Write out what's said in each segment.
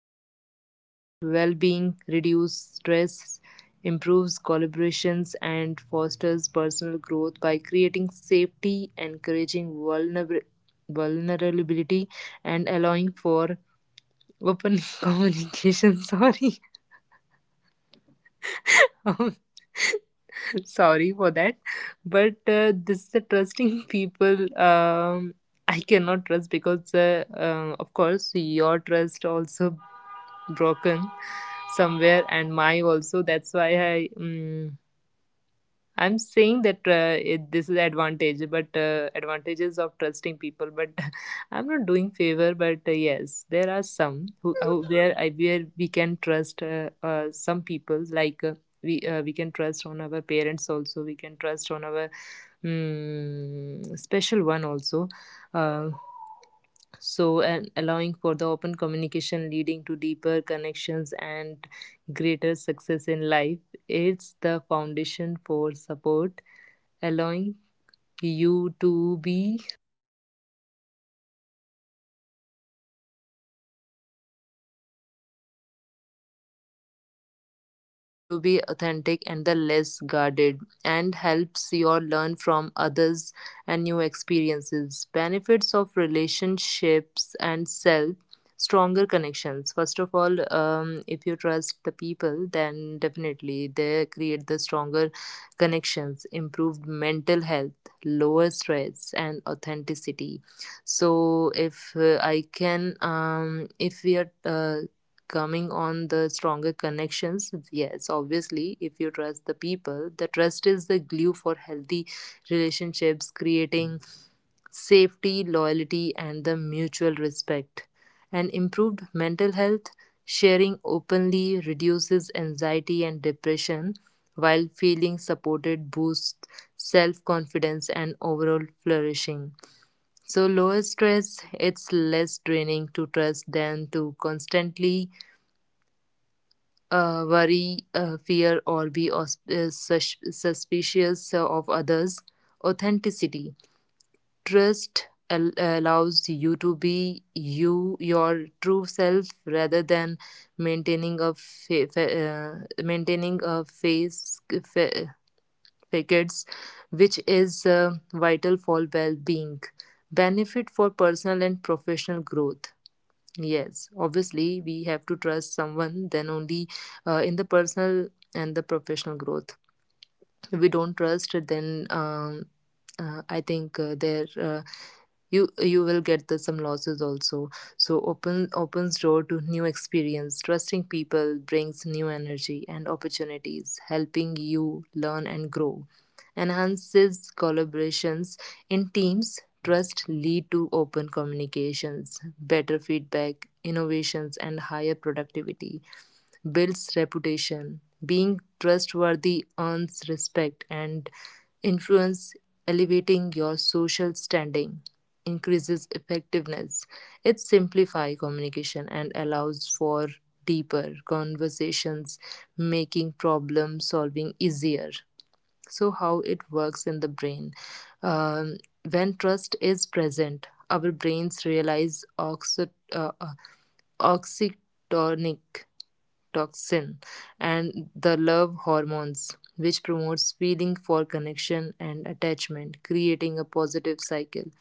relationships, boosts well being, reduces stress, improves collaborations, and fosters personal growth by creating safety, encouraging vulnerability, and allowing for open communication. Sorry. Um, sorry for that but this is a trusting people. I cannot trust because of course your trust also broken somewhere and my also, that's why I I'm saying that this is advantage, but advantages of trusting people. But I'm not doing favor. But yes, there are some who where I where we can trust some people. Like we can trust on our parents also. We can trust on our special one also. Uh, so and allowing for the open communication leading to deeper connections and greater success in life, it's the foundation for support, allowing you to be you to be authentic and the less guarded, and helps you learn from others and new experiences. Benefits of relationships and self, stronger connections. First of all, if you trust the people, then definitely they create the stronger connections, improved mental health, lower stress, and authenticity. So if I can, if we are coming on the stronger connections, yes, obviously, if you trust the people, the trust is the glue for healthy relationships, creating safety, loyalty, and the mutual respect, and improved mental health. Sharing openly reduces anxiety and depression, while feeling supported boosts self confidence and overall flourishing. So lower stress, it's less draining to trust than to constantly worry, fear, or be suspicious of others. Authenticity. Trust allows you to be you, your true self, rather than maintaining a maintaining a fa- facades, which is vital for well-being. Benefit for personal and professional growth. Yes, obviously, we have to trust someone, then only in the personal and the professional growth. We don't trust, then I think there you will get the, some losses also. So open opens door to new experience. Trusting people brings new energy and opportunities, helping you learn and grow. Enhances collaborations. In teams, trust lead to open communications, better feedback, innovations, and higher productivity. Builds reputation. Being trustworthy earns respect and influence, elevating your social standing. Increases effectiveness. It simplifies communication and allows for deeper conversations, making problem solving easier. So how it works in the brain. Um, when trust is present, our brains realize oxy- oxytonic oxytocin and the love hormones, which promotes feeling for connection and attachment, creating a positive cycle.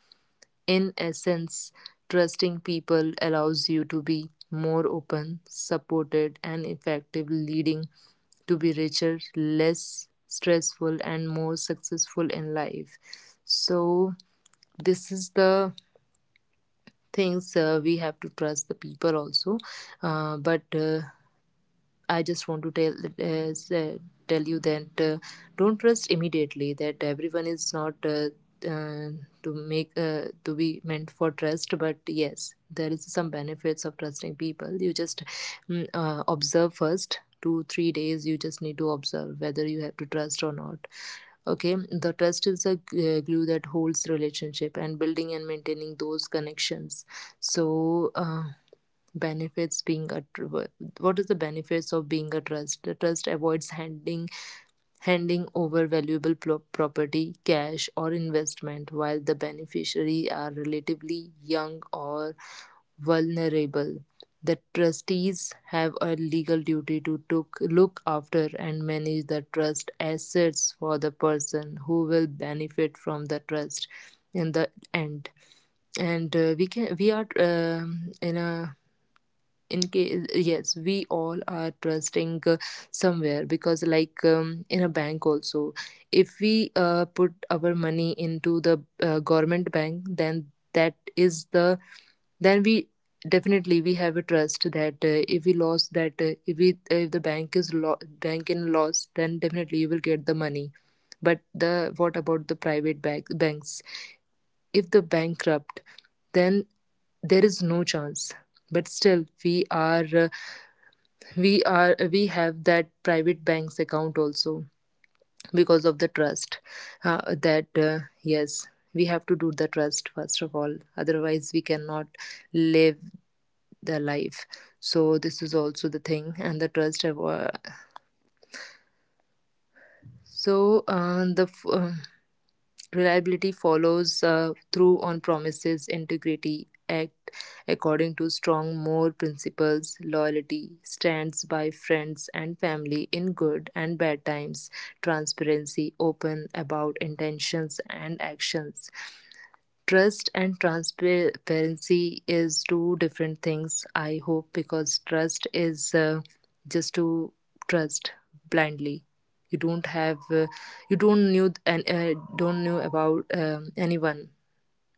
In essence, trusting people allows you to be more open, supported, and effective, leading to be richer, less stressful, and more successful in life. So this is the things, we have to trust the people also. But I just want to tell, uh, say- tell you that don't trust immediately, that everyone is not uh, to make to be meant for trust. But yes, there is some benefits of trusting people. You just observe first two three days. You just need to observe whether you have to trust or not. Okay, the trust is a glue that holds relationship, and building and maintaining those connections. So benefits being a what is the benefits of being a trust. The trust avoids handing over valuable property, cash, or investment while the beneficiary are relatively young or vulnerable. The trustees have a legal duty to look after and manage the trust assets for the person who will benefit from the trust in the end. And we are in a, in case, yes, we all are trusting somewhere. Because like, in a bank also, if we put our money into the government bank, then that is the, then we, definitely we have a trust that if we lost that, if the bank is bank in loss, then definitely you will get the money. But the, what about the private banks? If the bankrupt, then there is no chance. But still, we are we have that private bank's account also, because of the trust. That Yes, we have to do the trust first of all. Otherwise, we cannot live the life. So this is also the thing and the trust. Have, so the reliability follows through on promises. Integrity, act according to strong moral principles. Loyalty, stands by friends and family in good and bad times. Transparency, open about intentions and actions. Trust and transparency is two different things, I hope, because trust is just to trust blindly. You don't have, you don't knew and don't know about anyone,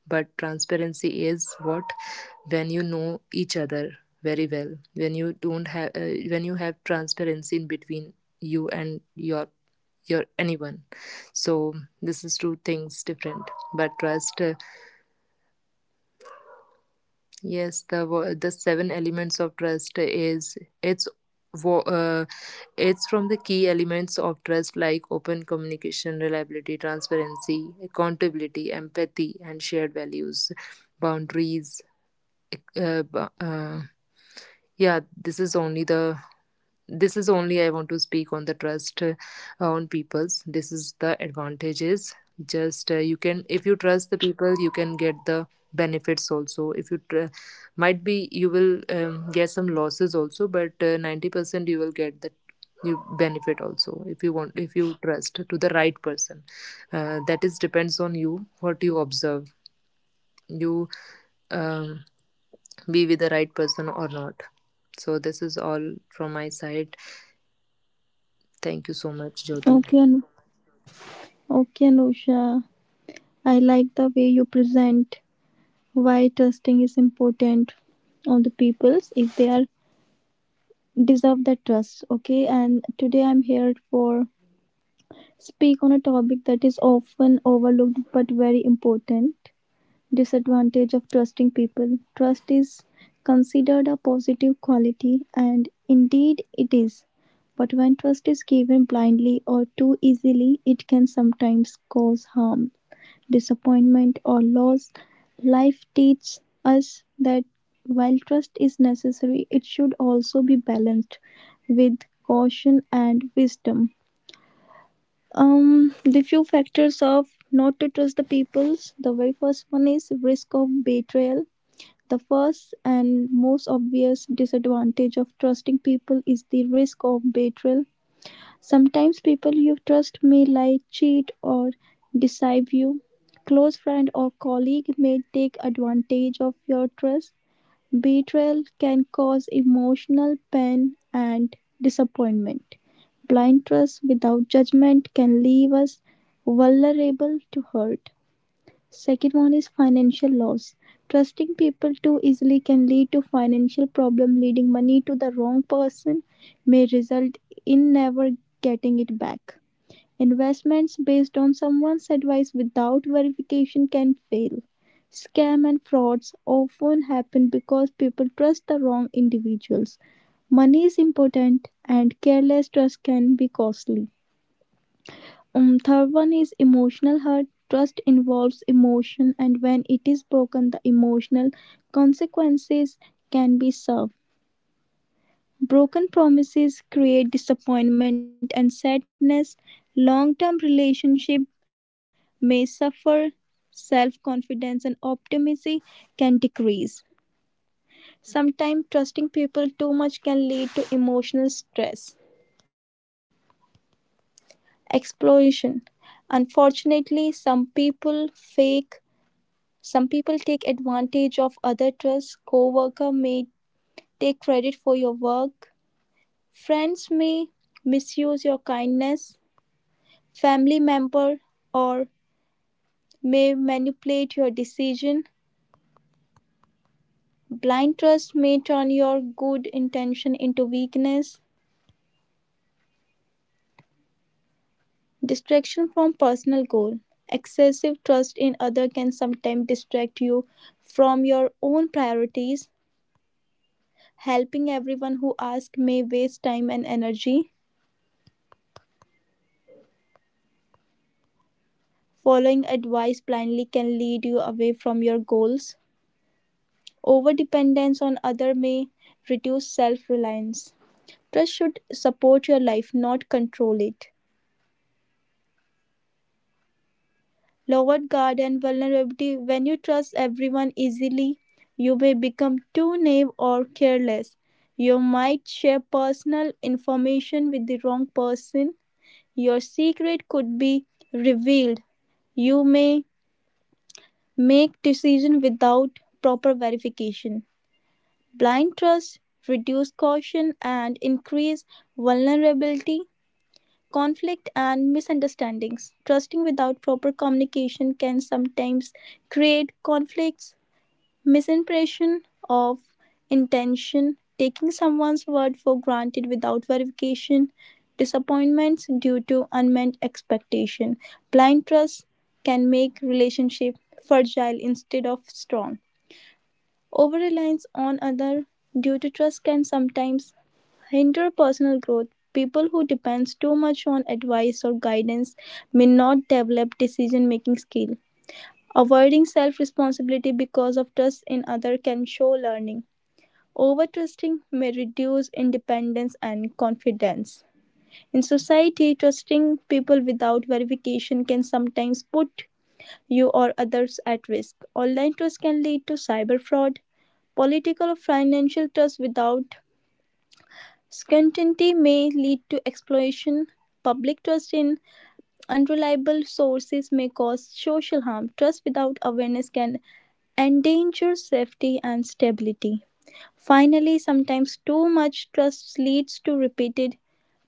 but transparency is what, when you know each other very well. When you don't have, when you have transparency in between you and your anyone. So this is two things different. But trust, yes, the the seven elements of trust is it's wo- uh, it's from the key elements of trust, like open communication, reliability, transparency, accountability, empathy, and shared values, boundaries. Uh, bu- uh, yeah, this is only the, this is only I want to speak on the trust, on peoples. This is the advantages. Just you can, if you trust the people, you can get the benefits also. If you tr- Might be you will, get some losses also, but 90% you will get the, you benefit also, if you want, if you trust to the right person. That is depends on you, what you observe, you um, be with the right person or not. So this is all from my side. Thank you so Okay, much, Anu- Jyoti. okay, Anusha. I like the way you present why trusting is important on the peoples if they are deserve that trust. Okay, and today I'm here for speak on a topic that is often overlooked but very important: disadvantage of trusting people. Trust is considered a positive quality, and indeed it is. But when trust is given blindly or too easily, it can sometimes cause harm, disappointment, or loss. Life teaches us that while trust is necessary, it should also be balanced with caution and wisdom. The few factors of not to trust the peoples. The very first one is risk of betrayal. The first and most obvious disadvantage of trusting people is the risk of betrayal. Sometimes people you trust may lie, cheat, or deceive you. Close friend or colleague may take advantage of your trust. Betrayal can cause emotional pain and disappointment. Blind trust without judgment can leave us vulnerable to hurt. Second one is financial loss. Trusting people too easily can lead to financial problem. Leading money to the wrong person may result in never getting it back. Investments based on someone's advice without verification can fail. Scam and frauds often happen because people trust the wrong individuals. Money is important and careless trust can be costly. Third one is emotional hurt. Trust involves emotion, and when it is broken, the emotional consequences can be served. Broken promises create disappointment and sadness. Long term relationship may suffer. Self confidence and optimism can decrease. Sometimes trusting people too much can lead to emotional stress. Exploration. Unfortunately, some people fake. Some people take advantage of other trust. Coworker may take credit for your work. Friends may misuse your kindness. Family member or may manipulate your decision. Blind trust may turn your good intention into weakness. Distraction from personal goal. Excessive trust in other can sometimes distract you from your own priorities. Helping everyone who asks may waste time and energy. Following advice blindly can lead you away from your goals. Overdependence on others may reduce self reliance. Trust should support your life, not control it. Lowered guard and vulnerability when you trust everyone easily, you may become too naive or careless. You might share personal information with the wrong person. Your secret could be revealed. You may make decisions without proper verification. Blind trust reduces caution and increases vulnerability, conflict, and misunderstandings. Trusting without proper communication can sometimes create conflicts, misimpression of intention, taking someone's word for granted without verification, disappointments due to unmet expectation. Blind trust can make relationship fragile instead of strong. Over-reliance on others due to trust can sometimes hinder personal growth. People who depend too much on advice or guidance may not develop decision-making skill. Avoiding self-responsibility because of trust in others can show learning. Overtrusting may reduce independence and confidence. In society, trusting people without verification can sometimes put you or others at risk. Online trust can lead to cyber fraud. Political or financial trust without certainty may lead to exploitation. Public trust in unreliable sources may cause social harm. Trust without awareness can endanger safety and stability. Finally, sometimes too much trust leads to repeated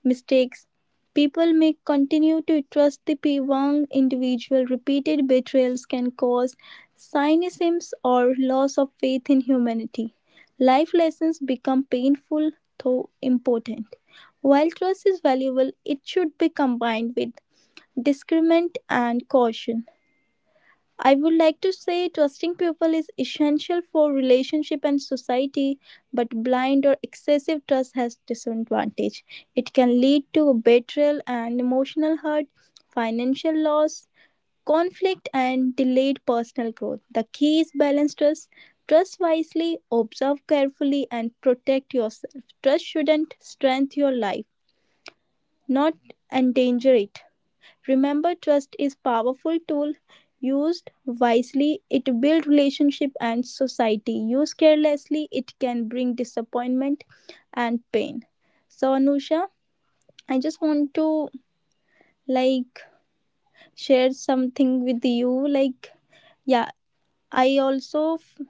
mistakes. People may continue to trust the wrong individual. Repeated betrayals can cause cynicism or loss of faith in humanity. Life lessons become painful though important. While trust is valuable, it should be combined with discernment and caution. I would like to say trusting people is essential for relationship and society, but blind or excessive trust has disadvantage. It can lead to betrayal and emotional hurt, financial loss, conflict and delayed personal growth. The key is balanced trust. Trust wisely, observe carefully and protect yourself. Trust shouldn't strengthen your life, not endanger it. Remember, trust is powerful tool. Used wisely, it builds relationship and society. Used carelessly, it can bring disappointment and pain. So Anusha, I just want to like share something with you. Like, yeah, I also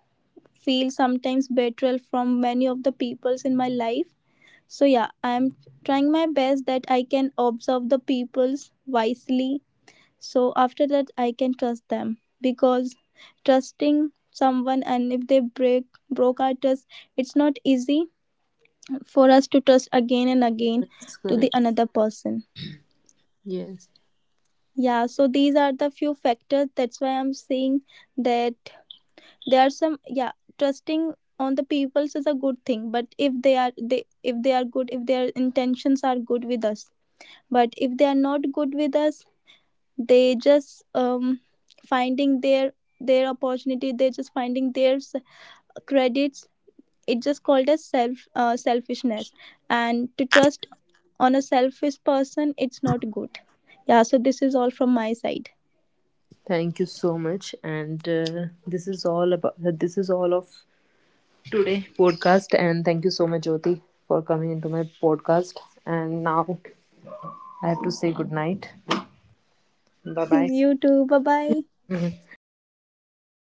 feel sometimes betrayal from many of the peoples in my life. So yeah, I am trying my best that I can observe the peoples wisely, so after that I can trust them, because trusting someone and if they break broke our trust, it's not easy for us to trust again and again That's to the correct. another person. Yes. Yeah, so these are the few factors, that's why I'm saying that there are some. Yeah, trusting on the peoples is a good thing, but if they are they if they are good, if their intentions are good with us, but if they are not good with us, they just finding their opportunity, they're just finding their credits. It's just called as self selfishness, and to trust on a selfish person, it's not good. Yeah, so this is all from my side. Thank you so much. And this is all about, this is all of today podcast. And thank you so much, Jyoti, for coming into my podcast. And now I have to say good night. Bye bye. You too, bye bye.